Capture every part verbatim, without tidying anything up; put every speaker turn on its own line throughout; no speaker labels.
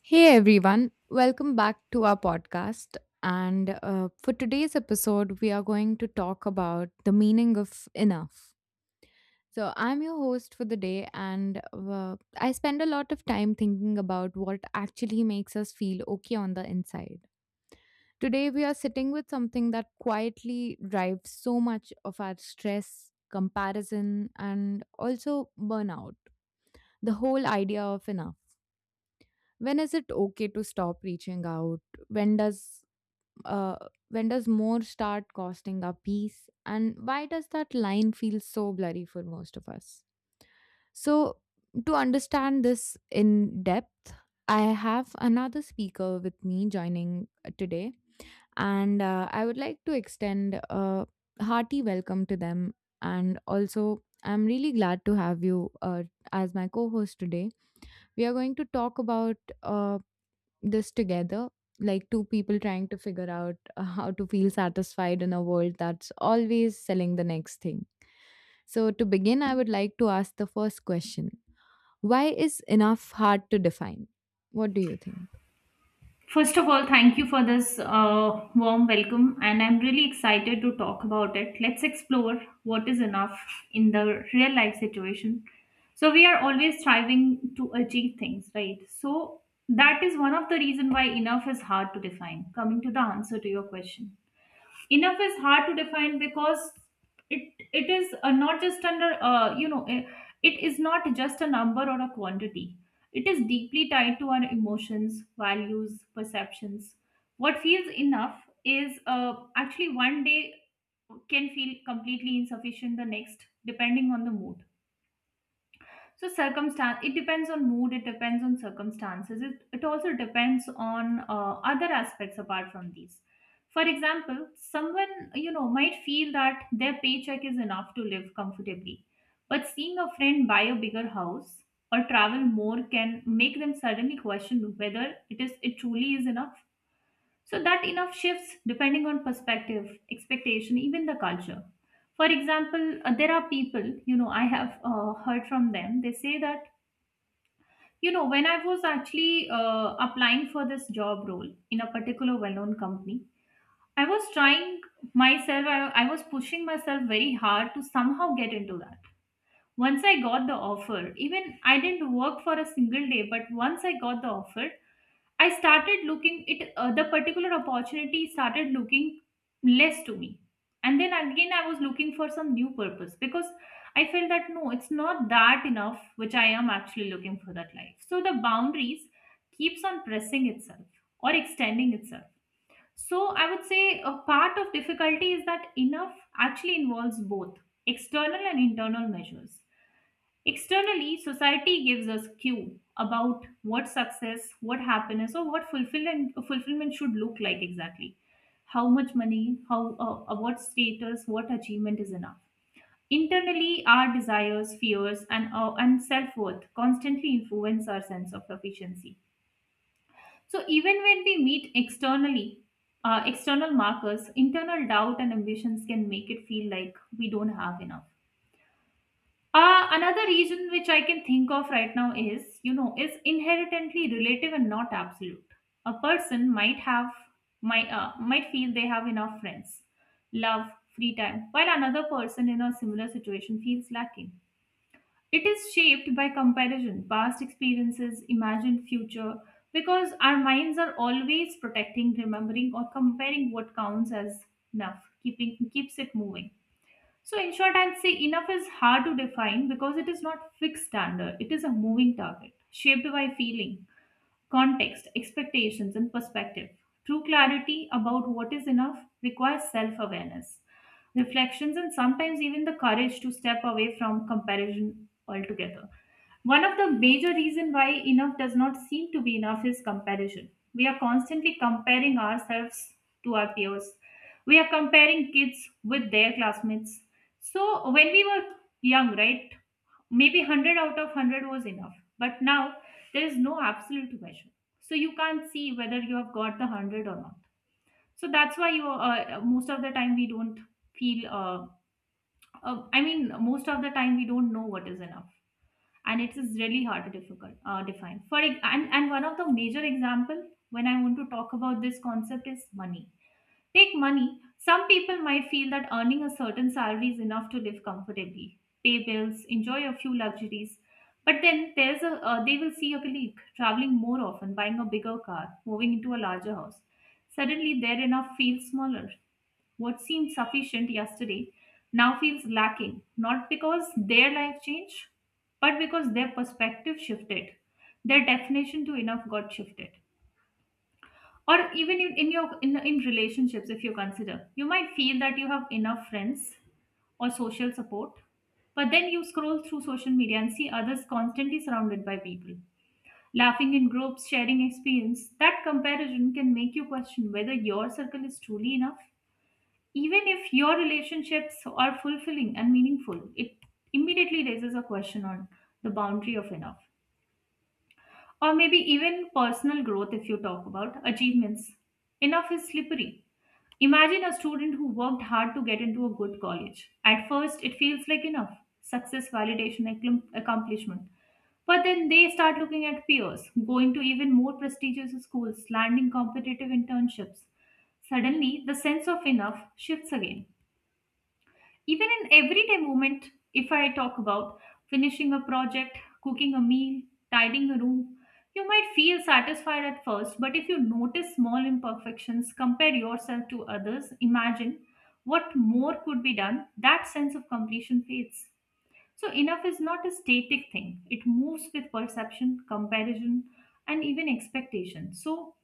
Hey everyone, welcome back to our podcast. And uh, For today's episode, we are going to talk about the meaning of enough. So, I'm your host for the day, and uh, I spend a lot of time thinking about what actually makes us feel okay on the inside. Today, we are sitting with something that quietly drives so much of our stress, comparison, and also burnout, the whole idea of enough. When is it okay to stop reaching out? when does uh, when does more start costing a piece, and why does that line feel so blurry for most of us? So, to understand this in depth, I have another speaker with me joining uh, today, and uh, I would like to extend a hearty welcome to them. And also, I'm really glad to have you uh, as my co-host today. We are going to talk about a this together, like two people trying to figure out uh, how to feel satisfied in a world that's always selling the next thing. So, to begin, I would like to ask the first question: why is enough hard to define? What do you think?
First of all, thank you for this uh, warm welcome, and I'm really excited to talk about it. Let's explore what is enough in the real life situation. So we are always striving to achieve things, right? So that is one of the reason why enough is hard to define. Coming to the answer to your question, enough is hard to define because it it is uh, not just under uh, you know eh, it is not just a number or a quantity, it is deeply tied to our emotions, values, perceptions. What feels enough is uh, actually one day can feel completely insufficient the next depending on the mood. So circumstance, it depends on mood, it depends on circumstances, it, it also depends on uh, other aspects apart from these. For example, someone, you know, might feel that their paycheck is enough to live comfortably, but seeing a friend buy a bigger house or travel more can make them suddenly question whether it is it truly is enough. So that enough shifts depending on perspective, expectation, even the culture. For example, uh, there are people, you know, I have uh, heard from them, they say that, you know, when I was actually uh, applying for this job role in a particular well known company, I was trying myself, I, I was pushing myself very hard to somehow get into that. Once I got the offer, even I didn't work for a single day, but once I got the offer, I started looking it uh, the particular opportunity started looking less to me. And then again I was looking for some new purpose because I felt that no, it's not that enough which I am actually looking for that life. So the boundaries keeps on pressing itself or extending itself. So I would say a part of difficulty is that enough actually involves both external and internal measures. Externally, society gives us cue about what success, what happiness, or what fulfillment fulfillment should look like exactly. How much money, how uh, uh, what status, what achievement is enough. Internally, our desires, fears, and uh, and self worth constantly influence our sense of sufficiency. So even when we meet externally, uh, external markers, internal doubt and ambitions can make it feel like we don't have enough. Uh, another reason which I can think of right now is, you know, is inherently relative and not absolute. A person might have, might, uh, might feel they have enough friends, love, free time, while another person in a similar situation feels lacking. It is shaped by comparison, past experiences, imagined future, because our minds are always protecting, remembering, or comparing what counts as enough, keeping keeps it moving. So, in short, I'll say enough is hard to define because it is not fixed standard, it is a moving target shaped by feeling, context, expectations, and perspective. True clarity about what is enough requires self awareness, reflections, and sometimes even the courage to step away from comparison altogether. One of the major reasons why enough does not seem to be enough is comparison. We are constantly comparing ourselves to our peers. We are comparing kids with their classmates. So when we were young, right, maybe a hundred out of a hundred was enough. But now there is no absolute measure. So you can't see whether you have got the a hundred or not. So that's why you uh, most of the time we don't feel, uh, uh, I mean, most of the time we don't know what is enough. And it is really hard to difficult, uh, define. For ex- and, and one of the major example when I want to talk about this concept is money. Take money. Some people might feel that earning a certain salary is enough to live comfortably, pay bills, enjoy a few luxuries. But then there's a uh, they will see a colleague traveling more often, buying a bigger car, moving into a larger house. Suddenly, their enough feels smaller. What seemed sufficient yesterday now feels lacking, not because their life changed, but because their perspective shifted. Their definition to enough got shifted. Or even in, in your in, in relationships, if you consider, you might feel that you have enough friends or social support, but then you scroll through social media and see others constantly surrounded by people, laughing in groups, sharing experience, that comparison can make you question whether your circle is truly enough, even if your relationships are fulfilling and meaningful. It immediately raises a question on the boundary of enough, or maybe even personal growth. If you talk about achievements, enough is slippery. Imagine a student who worked hard to get into a good college. At first, it feels like enough, success, validation, accom- accomplishment. But then they start looking at peers, going to even more prestigious schools, landing competitive internships. Suddenly, the sense of enough shifts again. Even in everyday moment, if I talk about finishing a project, cooking a meal, tidying a room, you might feel satisfied at first, but if you notice small imperfections, compare yourself to others, imagine what more could be done, that sense of completion fades. So, enough is not a static thing, it moves with perception, comparison, and even expectation. So,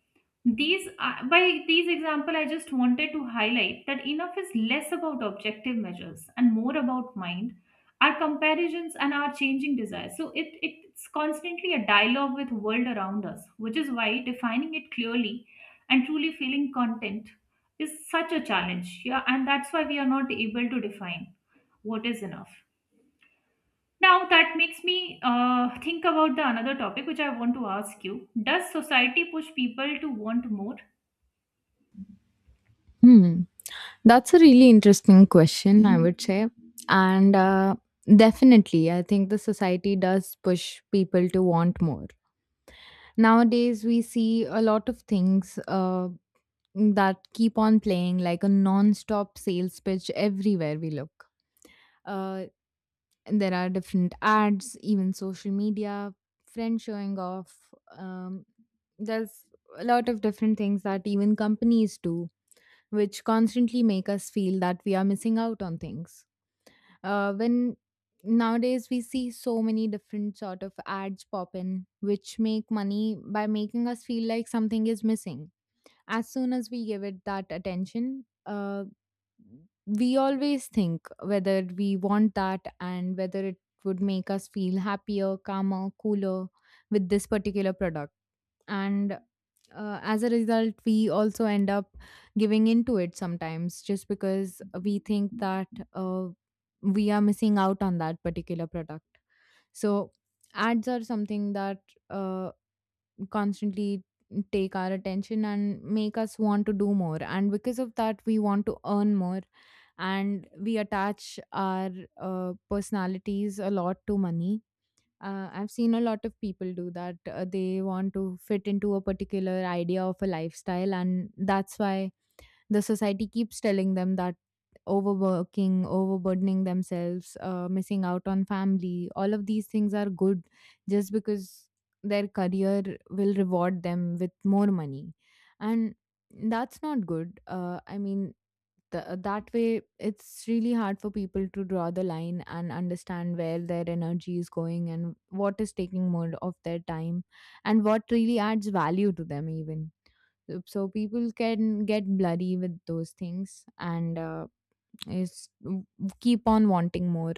these are, by these example, I just wanted to highlight that enough is less about objective measures and more about mind, our comparisons and our changing desires. So it it's constantly a dialogue with world around us, which is why defining it clearly and truly feeling content is such a challenge. Yeah, and that's why we are not able to define what is enough. Now that makes me uh, think about the another topic which I want to ask you. Does society push people to want more?
Hmm That's a really interesting question, I would say. And uh, definitely, I think the society does push people to want more. Nowadays we see a lot of things uh, that keep on playing like a non-stop sales pitch everywhere we look. Uh, there are different ads, even social media, friends showing off. Um, there's a lot of different things that even companies do, which constantly make us feel that we are missing out on things. Uh, when nowadays we see so many different sort of ads pop in, which make money by making us feel like something is missing as soon as we give it that attention, uh, we always think whether we want that and whether it would make us feel happier, calmer, cooler with this particular product. And uh, as a result, we also end up giving into it sometimes just because we think that uh, we are missing out on that particular product. So, ads are something that uh, constantly take our attention and make us want to do more, and because of that we want to earn more and we attach our uh, personalities a lot to money. uh, I've seen a lot of people do that. Uh, they want to fit into a particular idea of a lifestyle, and that's why the society keeps telling them that overworking, overburdening themselves, uh, missing out on family, all of these things are good just because their career will reward them with more money. And that's not good. Uh, I mean, Th- that way, it's really hard for people to draw the line and understand where their energy is going and what is taking more of their time and what really adds value to them, even. Yep, so people can get bloody with those things, and uh, is keep on wanting more.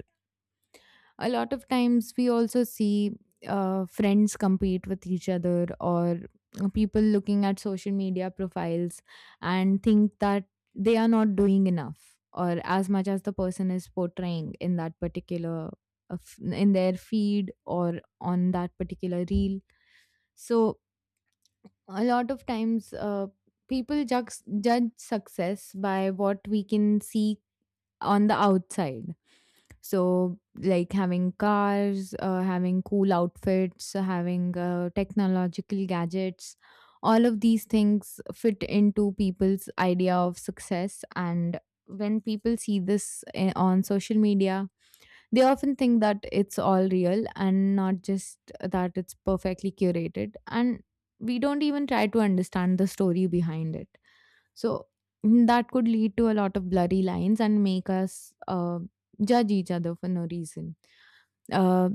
A lot of times we also see uh, friends compete with each other, or uh, people looking at social media profiles and think that they are not doing enough or as much as the person is portraying in that particular of- in their feed, or on that particular reel. So, a lot of times uh, people judge, judge success by what we can see on the outside. So, like having cars, uh, having cool outfits, having uh, technological gadgets, all of these things fit into people's idea of success. And when people see this eh, on social media, they often think that it's all real and not just that it's perfectly curated. And we don't even try to understand the story behind it. So, mm, that could lead to a lot of blurry lines and make us uh, judge each other for no reason. Uh,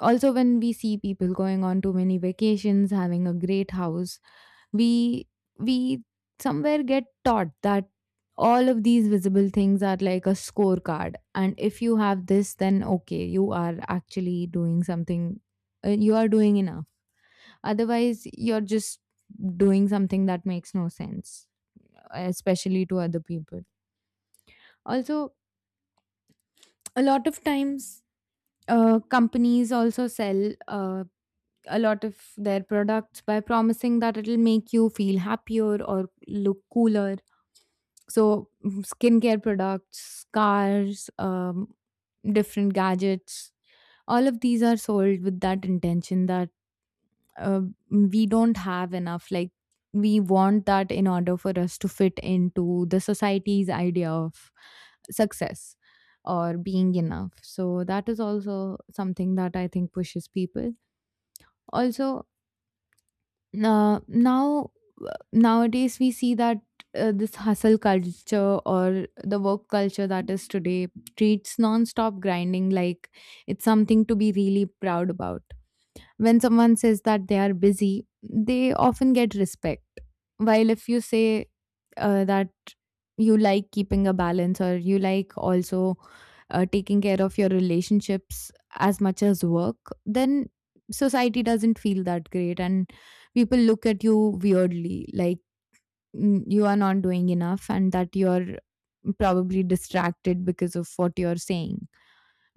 also, when we see people going on too many vacations, having a great house, we we somewhere get taught that all of these visible things are like a scorecard, and if you have this, then okay, you are actually doing something. Uh, you are doing enough. Otherwise, you're just doing something that makes no sense, uh, especially to other people. Also, a lot of times, uh, companies also sell uh, a lot of their products by promising that it'll make you feel happier or look cooler. So, mm, skincare products, cars, um, different gadgets, all of these are sold with that intention, that uh, we don't have enough, like we want that in order for us to fit into the society's idea of success or being enough. So that is also something that I think pushes people. Also, uh, now nowadays we see that uh, this hustle culture, or the work culture that is today, treats non-stop grinding like it's something to be really proud about. When someone says that they are busy, they often get respect. While if you say uh, that you like keeping a balance, or you like also uh, taking care of your relationships as much as work, then society doesn't feel that great, and people look at you weirdly like, mm, you are not doing enough and that you're probably distracted because of what you're saying.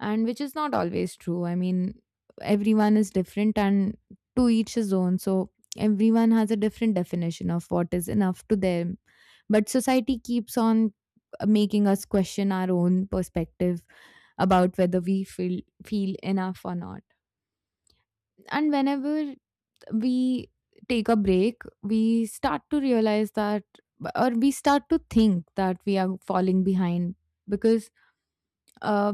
And which is not always true. I mean, everyone is different, and to each his own. So everyone has a different definition of what is enough to them. But society keeps on uh, making us question our own perspective about whether we feel feel enough or not. And whenever we take a break, we start to realize that, or we start to think, that we are falling behind because uh,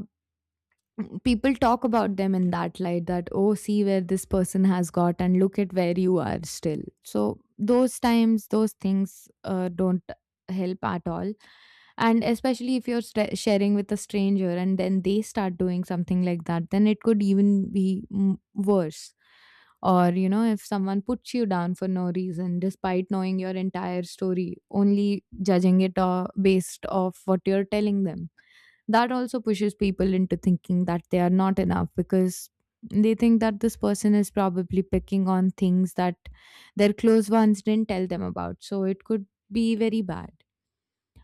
people talk about them in that light, that, oh, see where this person has got and look at where you are still. So those times, those things uh, don't help at all. And especially if you're st- sharing with a stranger and then they start doing something like that, then it could even be, mm, worse. Or you know, if someone puts you down for no reason despite knowing your entire story, only judging it uh, based off what you're telling them, that also pushes people into thinking that they are not enough, because they think that this person is probably picking on things that their close ones didn't tell them about. So it could be very bad.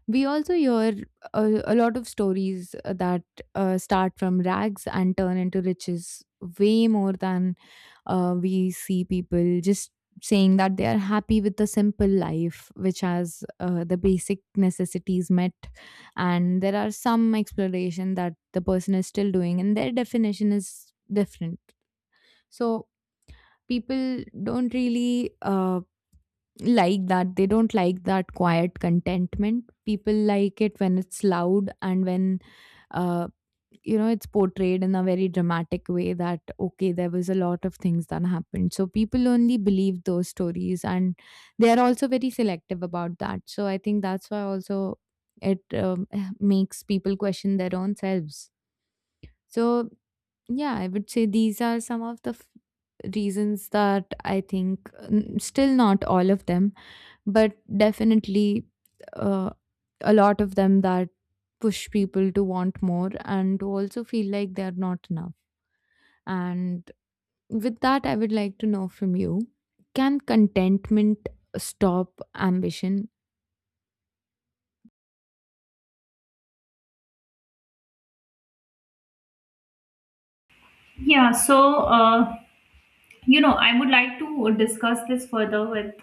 We also hear a, a lot of stories uh, that uh, start from rags and turn into riches, way more than uh, we see people just saying that they are happy with the simple life, which has uh, the basic necessities met, and there are some exploration that the person is still doing and their definition is different. So people don't really uh, like that. They don't like that quiet contentment. People like it when it's loud, and when, uh, you know, it's portrayed in a very dramatic way that, okay, there was a lot of things that happened. So people only believe those stories, and they are also very selective about that. So I think that's why also it, um, makes people question their own selves. So, yeah, I would say these are some of the f- reasons that I think, n- still not all of them, but definitely uh, a lot of them, that push people to want more and to also feel like they're not enough. And with that, I would like to know from you, can contentment stop ambition?
Yeah, so uh, you know, I would like to discuss this further with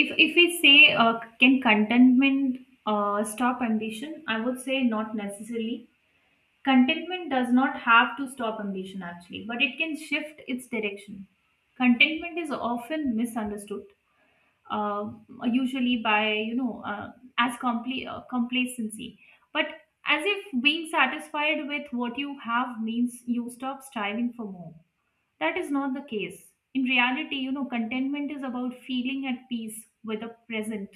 if if we say uh, can contentment uh, stop ambition, I would say not necessarily. Contentment does not have to stop ambition actually, but it can shift its direction. Contentment is often misunderstood, uh, usually by you know uh, as compl- uh, complacency, but as if being satisfied with what you have means you stop striving for more. That is not the case. In reality, you know, contentment is about feeling at peace with the present,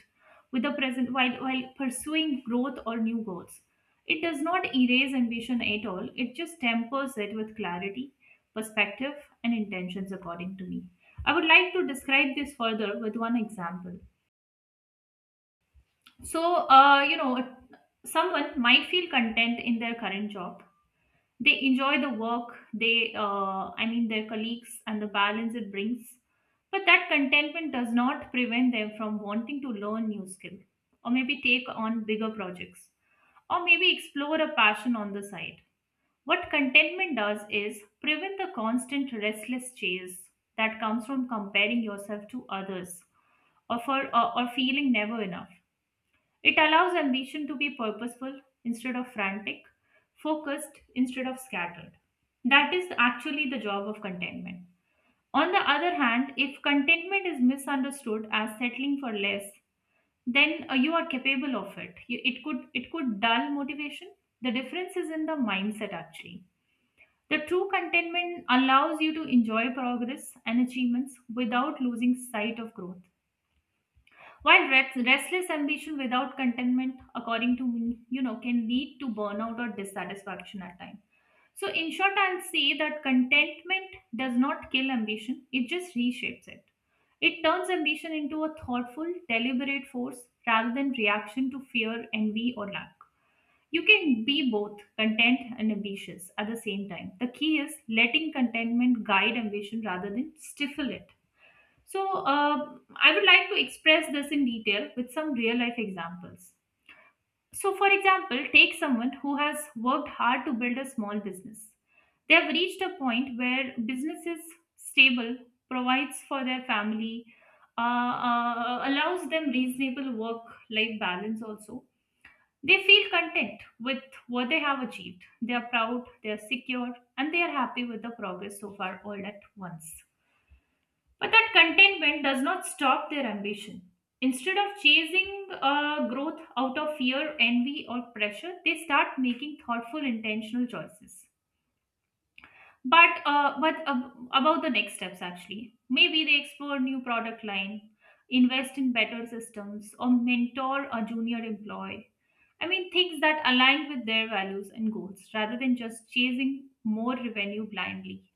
with the present while while pursuing growth or new goals. It does not erase ambition at all. It just tempers it with clarity, perspective, and intentions according to me. I would like to describe this further with one example. So, uh, you know, someone might feel content in their current job, they enjoy the work, they, uh, I mean, their colleagues and the balance it brings. But that contentment does not prevent them from wanting to learn new skill or maybe take on bigger projects or maybe explore a passion on the side. What contentment does is prevent the constant restless chase that comes from comparing yourself to others or for or, or feeling never enough. It allows ambition to be purposeful instead of frantic, focused instead of scattered. That is actually the job of contentment. On the other hand, if contentment is misunderstood as settling for less, then uh, you are capable of it. You- It could it could dull motivation. The difference is in the mindset actually. The true contentment allows you to enjoy progress and achievements without losing sight of growth. While rest- restless ambition without contentment, according to me, you know, can lead to burnout or dissatisfaction at times. So, in short, I'll say that contentment does not kill ambition; it just reshapes it. It turns ambition into a thoughtful, deliberate force rather than reaction to fear, envy, or lack. You can be both content and ambitious at the same time. The key is letting contentment guide ambition rather than stifle it. So, uh, I would like to express this in detail with some real life examples. So, for example, take someone who has worked hard to build a small business. They have reached a point where business is stable, provides for their family, uh, uh, allows them reasonable work life balance also. They feel content with what they have achieved. They are proud, they are secure, and they are happy with the progress so far all at once. But that contentment does not stop their ambition. Instead of chasing uh, growth out of fear, envy, or pressure, they start making thoughtful, intentional choices. But uh, but ab- about the next steps, actually, maybe they explore new product line, invest in better systems, or mentor a junior employee. I mean, things that align with their values and goals, rather than just chasing more revenue blindly.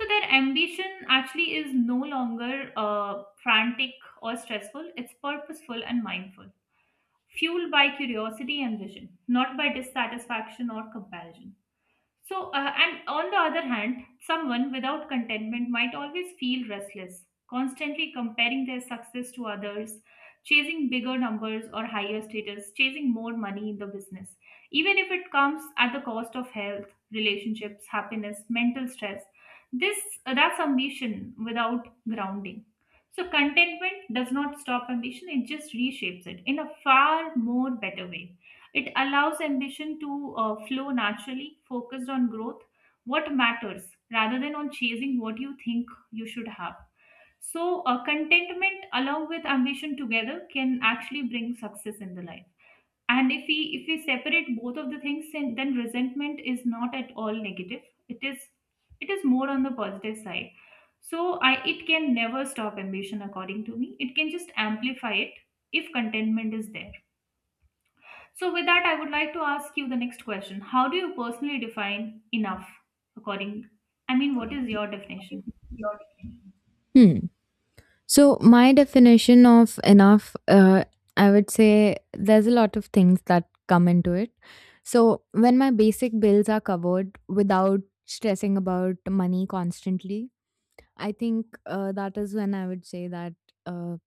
So their ambition actually is no longer uh, frantic or stressful, it's purposeful and mindful, fueled by curiosity and vision, not by dissatisfaction or comparison. So, uh, and on the other hand, someone without contentment might always feel restless, constantly comparing their success to others, chasing bigger numbers or higher status, chasing more money in the business, even if it comes at the cost of health, relationships, happiness, mental stress. This That's ambition without grounding. So contentment does not stop ambition; it just reshapes it in a far more better way. It allows ambition to uh, flow naturally, focused on growth, what matters, rather than on chasing what you think you should have. So, uh, contentment along with ambition together can actually bring success in the life. And if we if we separate both of the things, then then resentment is not at all negative. It is it is more on the positive side. So, I it can never stop ambition, according to me. It can just amplify it if contentment is there. So, with that, I would like to ask you the next question. How do you personally define enough? According, I mean, what is your definition?
Hmm. So, my definition of enough, uh, I would say there's a lot of things that come into it. So, when my basic bills are covered without stressing about money constantly, I think uh, that is when I would say that, uh,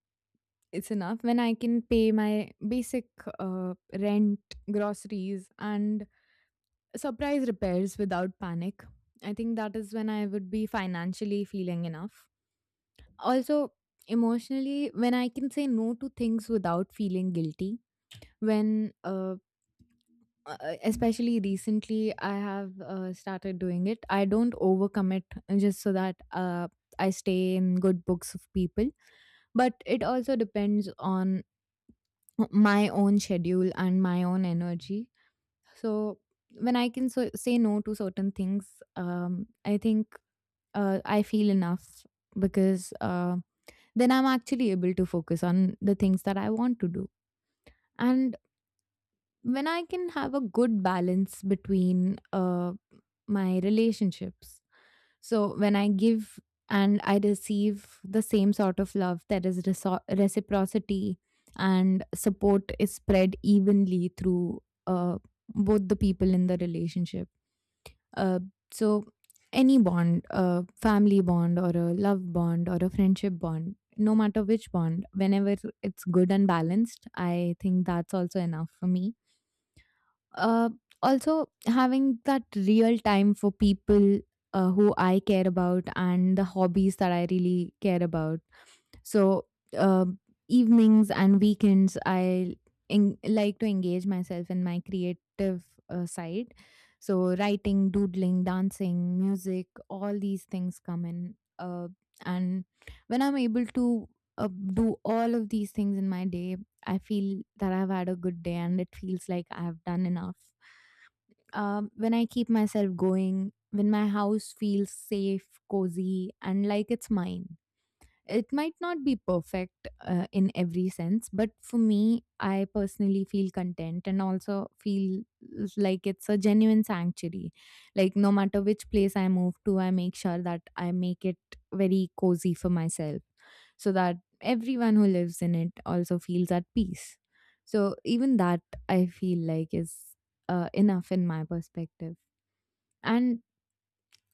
it's enough when I can pay my basic uh, rent, groceries, and surprise repairs without panic. I think that is when I would be financially feeling enough. Also, emotionally, when I can say no to things without feeling guilty. When uh, uh, uh, especially recently, I have uh, started doing it, I don't overcommit just so that uh, I stay in good books of people. But it also depends on my own schedule and my own energy. So when I can so- say no to certain things, um, I think uh, I feel enough, because uh, then I'm actually able to focus on the things that I want to do. And when I can have a good balance between uh, my relationships. So when I give and I receive the same sort of love, there is reso- reciprocity and support is spread evenly through uh, both the people in the relationship. Uh, so any bond, a family bond or a love bond or a friendship bond, no matter which bond, whenever it's good and balanced, I think that's also enough for me. Uh, also, having that real time for people uh, who I care about, and the hobbies that I really care about. So, uh, evenings and weekends, I en- like to engage myself in my creative uh, side. So, writing, doodling, dancing, music, all these things come in. Uh, and when I'm able to uh, do all of these things in my day, I feel that I've had a good day and it feels like I've done enough. Um, when I keep myself going, when my house feels safe, cozy, and like it's mine. It might not be perfect uh, in every sense, but for me, I personally feel content and also feel like it's a genuine sanctuary. Like, no matter which place I move to, I make sure that I make it very cozy for myself so that everyone who lives in it also feels at peace. So even that I feel like is uh, enough in my perspective. And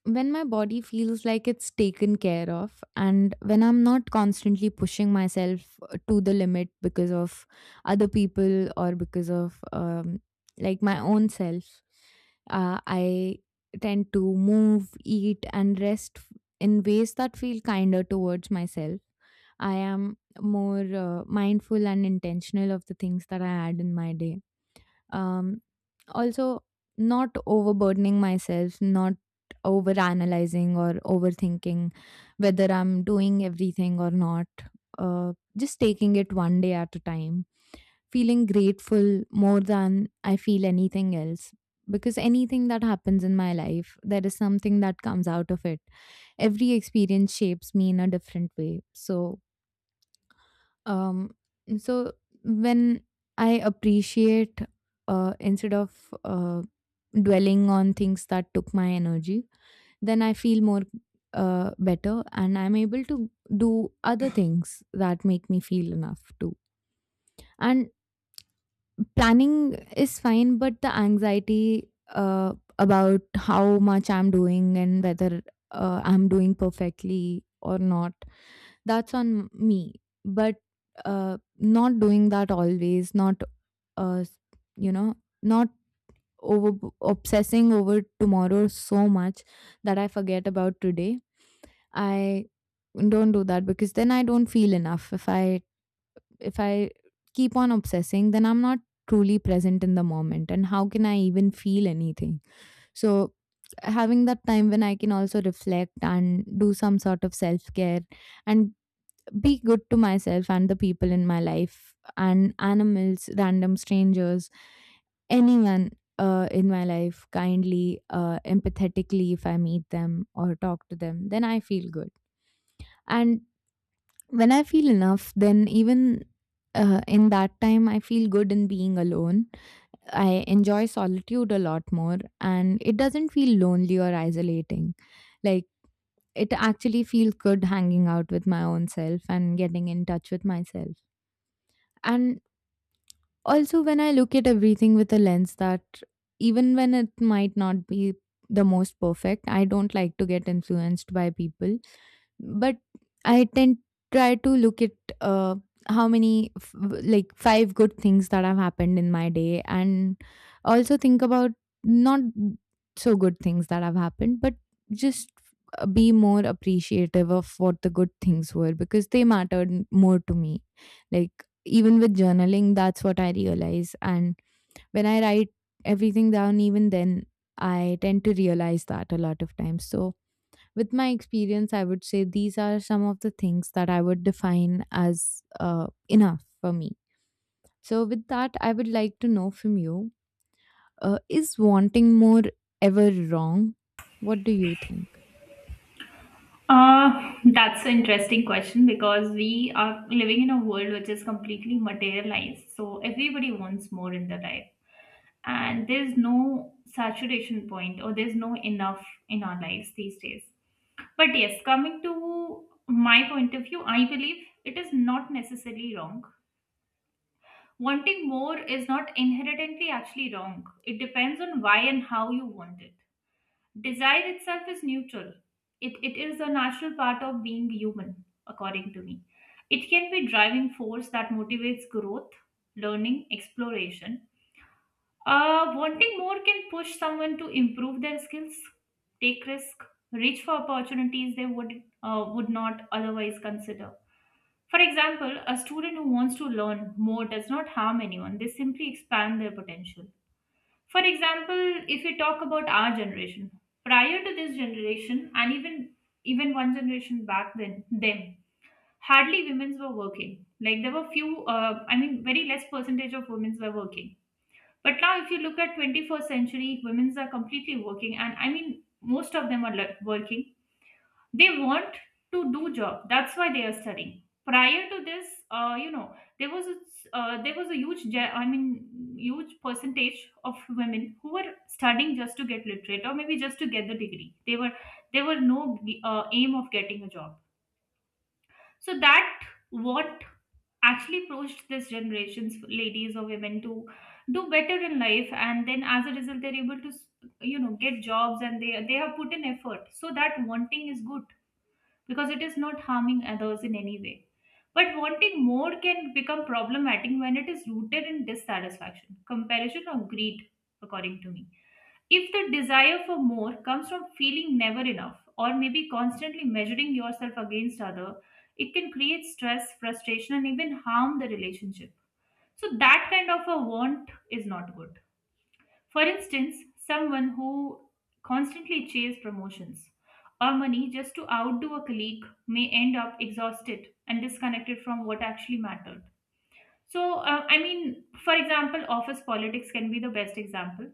when my body feels like it's taken care of, and when I'm not constantly pushing myself uh, to the limit because of other people or because of um, like my own self, uh, I tend to move, eat, and rest f- in ways that feel kinder towards myself. I am more uh, mindful and intentional of the things that I add in my day. Um, also, not overburdening myself, not over analyzing or overthinking whether I'm doing everything or not. Uh, just taking it one day at a time, feeling grateful more than I feel anything else. Because anything that happens in my life, there is something that comes out of it. Every experience shapes me in a different way, so um, so when I appreciate, uh, instead of uh, dwelling on things that took my energy, then I feel more uh, better and I'm able to do other things that make me feel enough too. And planning is fine, but the anxiety uh, about how much I'm doing and whether uh, I'm doing perfectly or not, that's on me. But uh, not doing that always, not uh, s- you know not over obsessing over tomorrow so much that I forget about today. I don't do that because then I don't feel enough. If I if i keep on obsessing, then I'm not truly present in the moment, and how can I even feel anything? So having that time when I can also reflect and do some sort of self care and be good to myself and the people in my life and animals, random strangers, anyone uh, in my life, kindly, uh, empathetically, if I meet them or talk to them, then I feel good. And when I feel enough, then even uh, in that time I feel good in being alone. I enjoy solitude a lot more and it doesn't feel lonely or isolating. Like, it actually feels good hanging out with my own self and getting in touch with myself. And also, when I look at everything with a lens that even when it might not be the most perfect, I don't like to get influenced by people. But I tend try to look at uh, how many f- w- like five good things that have happened in my day, and also think about not so good things that have happened, but just uh, be more appreciative of what the good things were because they mattered more to me. Like, even with journaling, that's what I realize. And when I write everything down, even then, I tend to realize that a lot of times. So, with my experience, I would say these are some of the things that I would define as uh, enough for me. So, with that, I would like to know from you, uh, is wanting more ever wrong? What do you think?
Uh, that's an interesting question because we are living in a world which is completely materialized. So, everybody wants more in their life, and there's no saturation point or there's no enough in our lives these days. But yes, coming to my point of view, I believe it is not necessarily wrong. Wanting more is not inherently actually wrong. It depends on why and how you want it. Desire itself is neutral. It, it is a natural part of being human, according to me. It can be driving force that motivates growth, learning, exploration. Uh, wanting more can push someone to improve their skills, take risk, reach for opportunities they would uh, would not otherwise consider. For example, a student who wants to learn more does not harm anyone, they simply expand their potential. For example, if we talk about our generation, prior to this generation and even even one generation back then, them hardly women were working. Like there were few, uh, I mean, very less percentage of women were working. But now, if you look at twenty-first century, women are completely working, and I mean, most of them are le- working they want to do job, that's why they are studying prior to this uh, you know there was a, uh, there was a huge ge- I mean huge percentage of women who were studying just to get literate or maybe just to get the degree they were there were no uh, aim of getting a job so that what actually pushed this generations ladies or women to do better in life and then as a result they're able to you know get jobs and they they have put in effort so that wanting is good because it is not harming others in any way. But wanting more can become problematic when it is rooted in dissatisfaction, comparison, or greed, according to me. If the desire for more comes from feeling never enough, or maybe constantly measuring yourself against other, it can create stress, frustration, and even harm the relationship. So that kind of a want is not good. For instance, someone who constantly chases promotions or money just to outdo a colleague may end up exhausted and disconnected from what actually mattered. So, uh, I mean, for example, office politics can be the best example.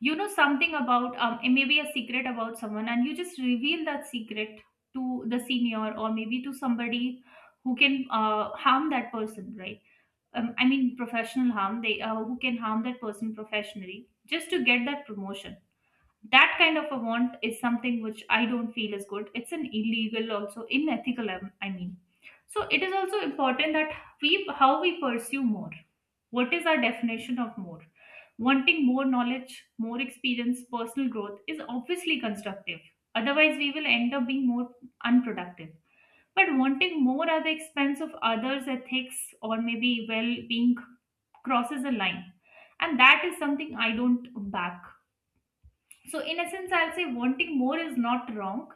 You know something about, um, maybe a secret about someone, and you just reveal that secret to the senior or maybe to somebody who can uh, harm that person, right? um, I mean, professional harm, they uh, who can harm that person professionally just to get that promotion. That kind of a want is something which I don't feel is good. It's an illegal, also unethical. um, I mean, so it is also important that we how we pursue more. What is our definition of more? Wanting more knowledge, more experience, personal growth is obviously constructive. Otherwise, we will end up being more unproductive, but wanting more at the expense of others' ethics or maybe well being crosses a line. And that is something I don't back. So, in essence, I'll say wanting more is not wrong.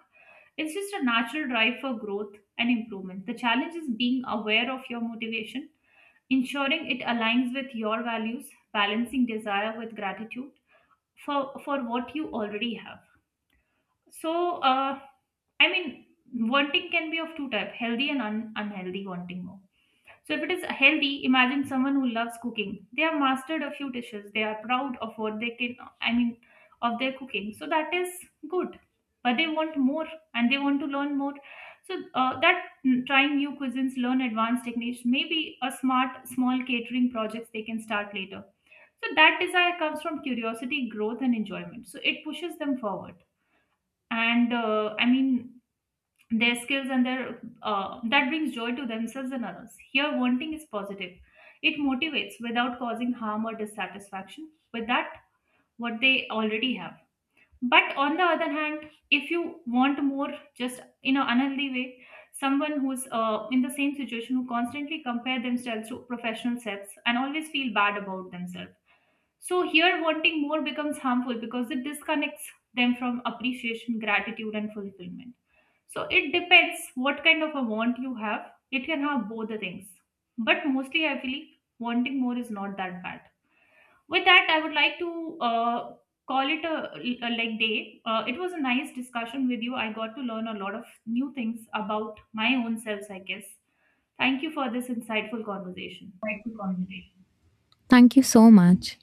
It's just a natural drive for growth and improvement. The challenge is being aware of your motivation, ensuring it aligns with your values, balancing desire with gratitude for, for what you already have. So, uh, I mean, wanting can be of two types, healthy and un- unhealthy wanting more. So if it is healthy, imagine someone who loves cooking. They have mastered a few dishes. They are proud of what they can, I mean, of their cooking. So that is good. But they want more and they want to learn more. So uh, that mm, trying new cuisines, learn advanced techniques, maybe a smart, small catering projects they can start later. So that desire comes from curiosity, growth, and enjoyment. So it pushes them forward. And uh, I mean, their skills and their uh, that brings joy to themselves and others, here wanting is positive, it motivates without causing harm or dissatisfaction with that what they already have. But on the other hand, if you want more just in an unhealthy way, someone who's uh, in the same situation who constantly compare themselves to professional sets and always feel bad about themselves, so here, wanting more becomes harmful because it disconnects them from appreciation, gratitude, and fulfillment. So it depends what kind of a want you have. It can have both the things, but mostly I feel wanting more is not that bad. With that, I would like to uh, call it a, a like day. Uh, it was a nice discussion with you. I got to learn a lot of new things about my own selves, I guess. Thank you for this insightful conversation.
Thank you so much.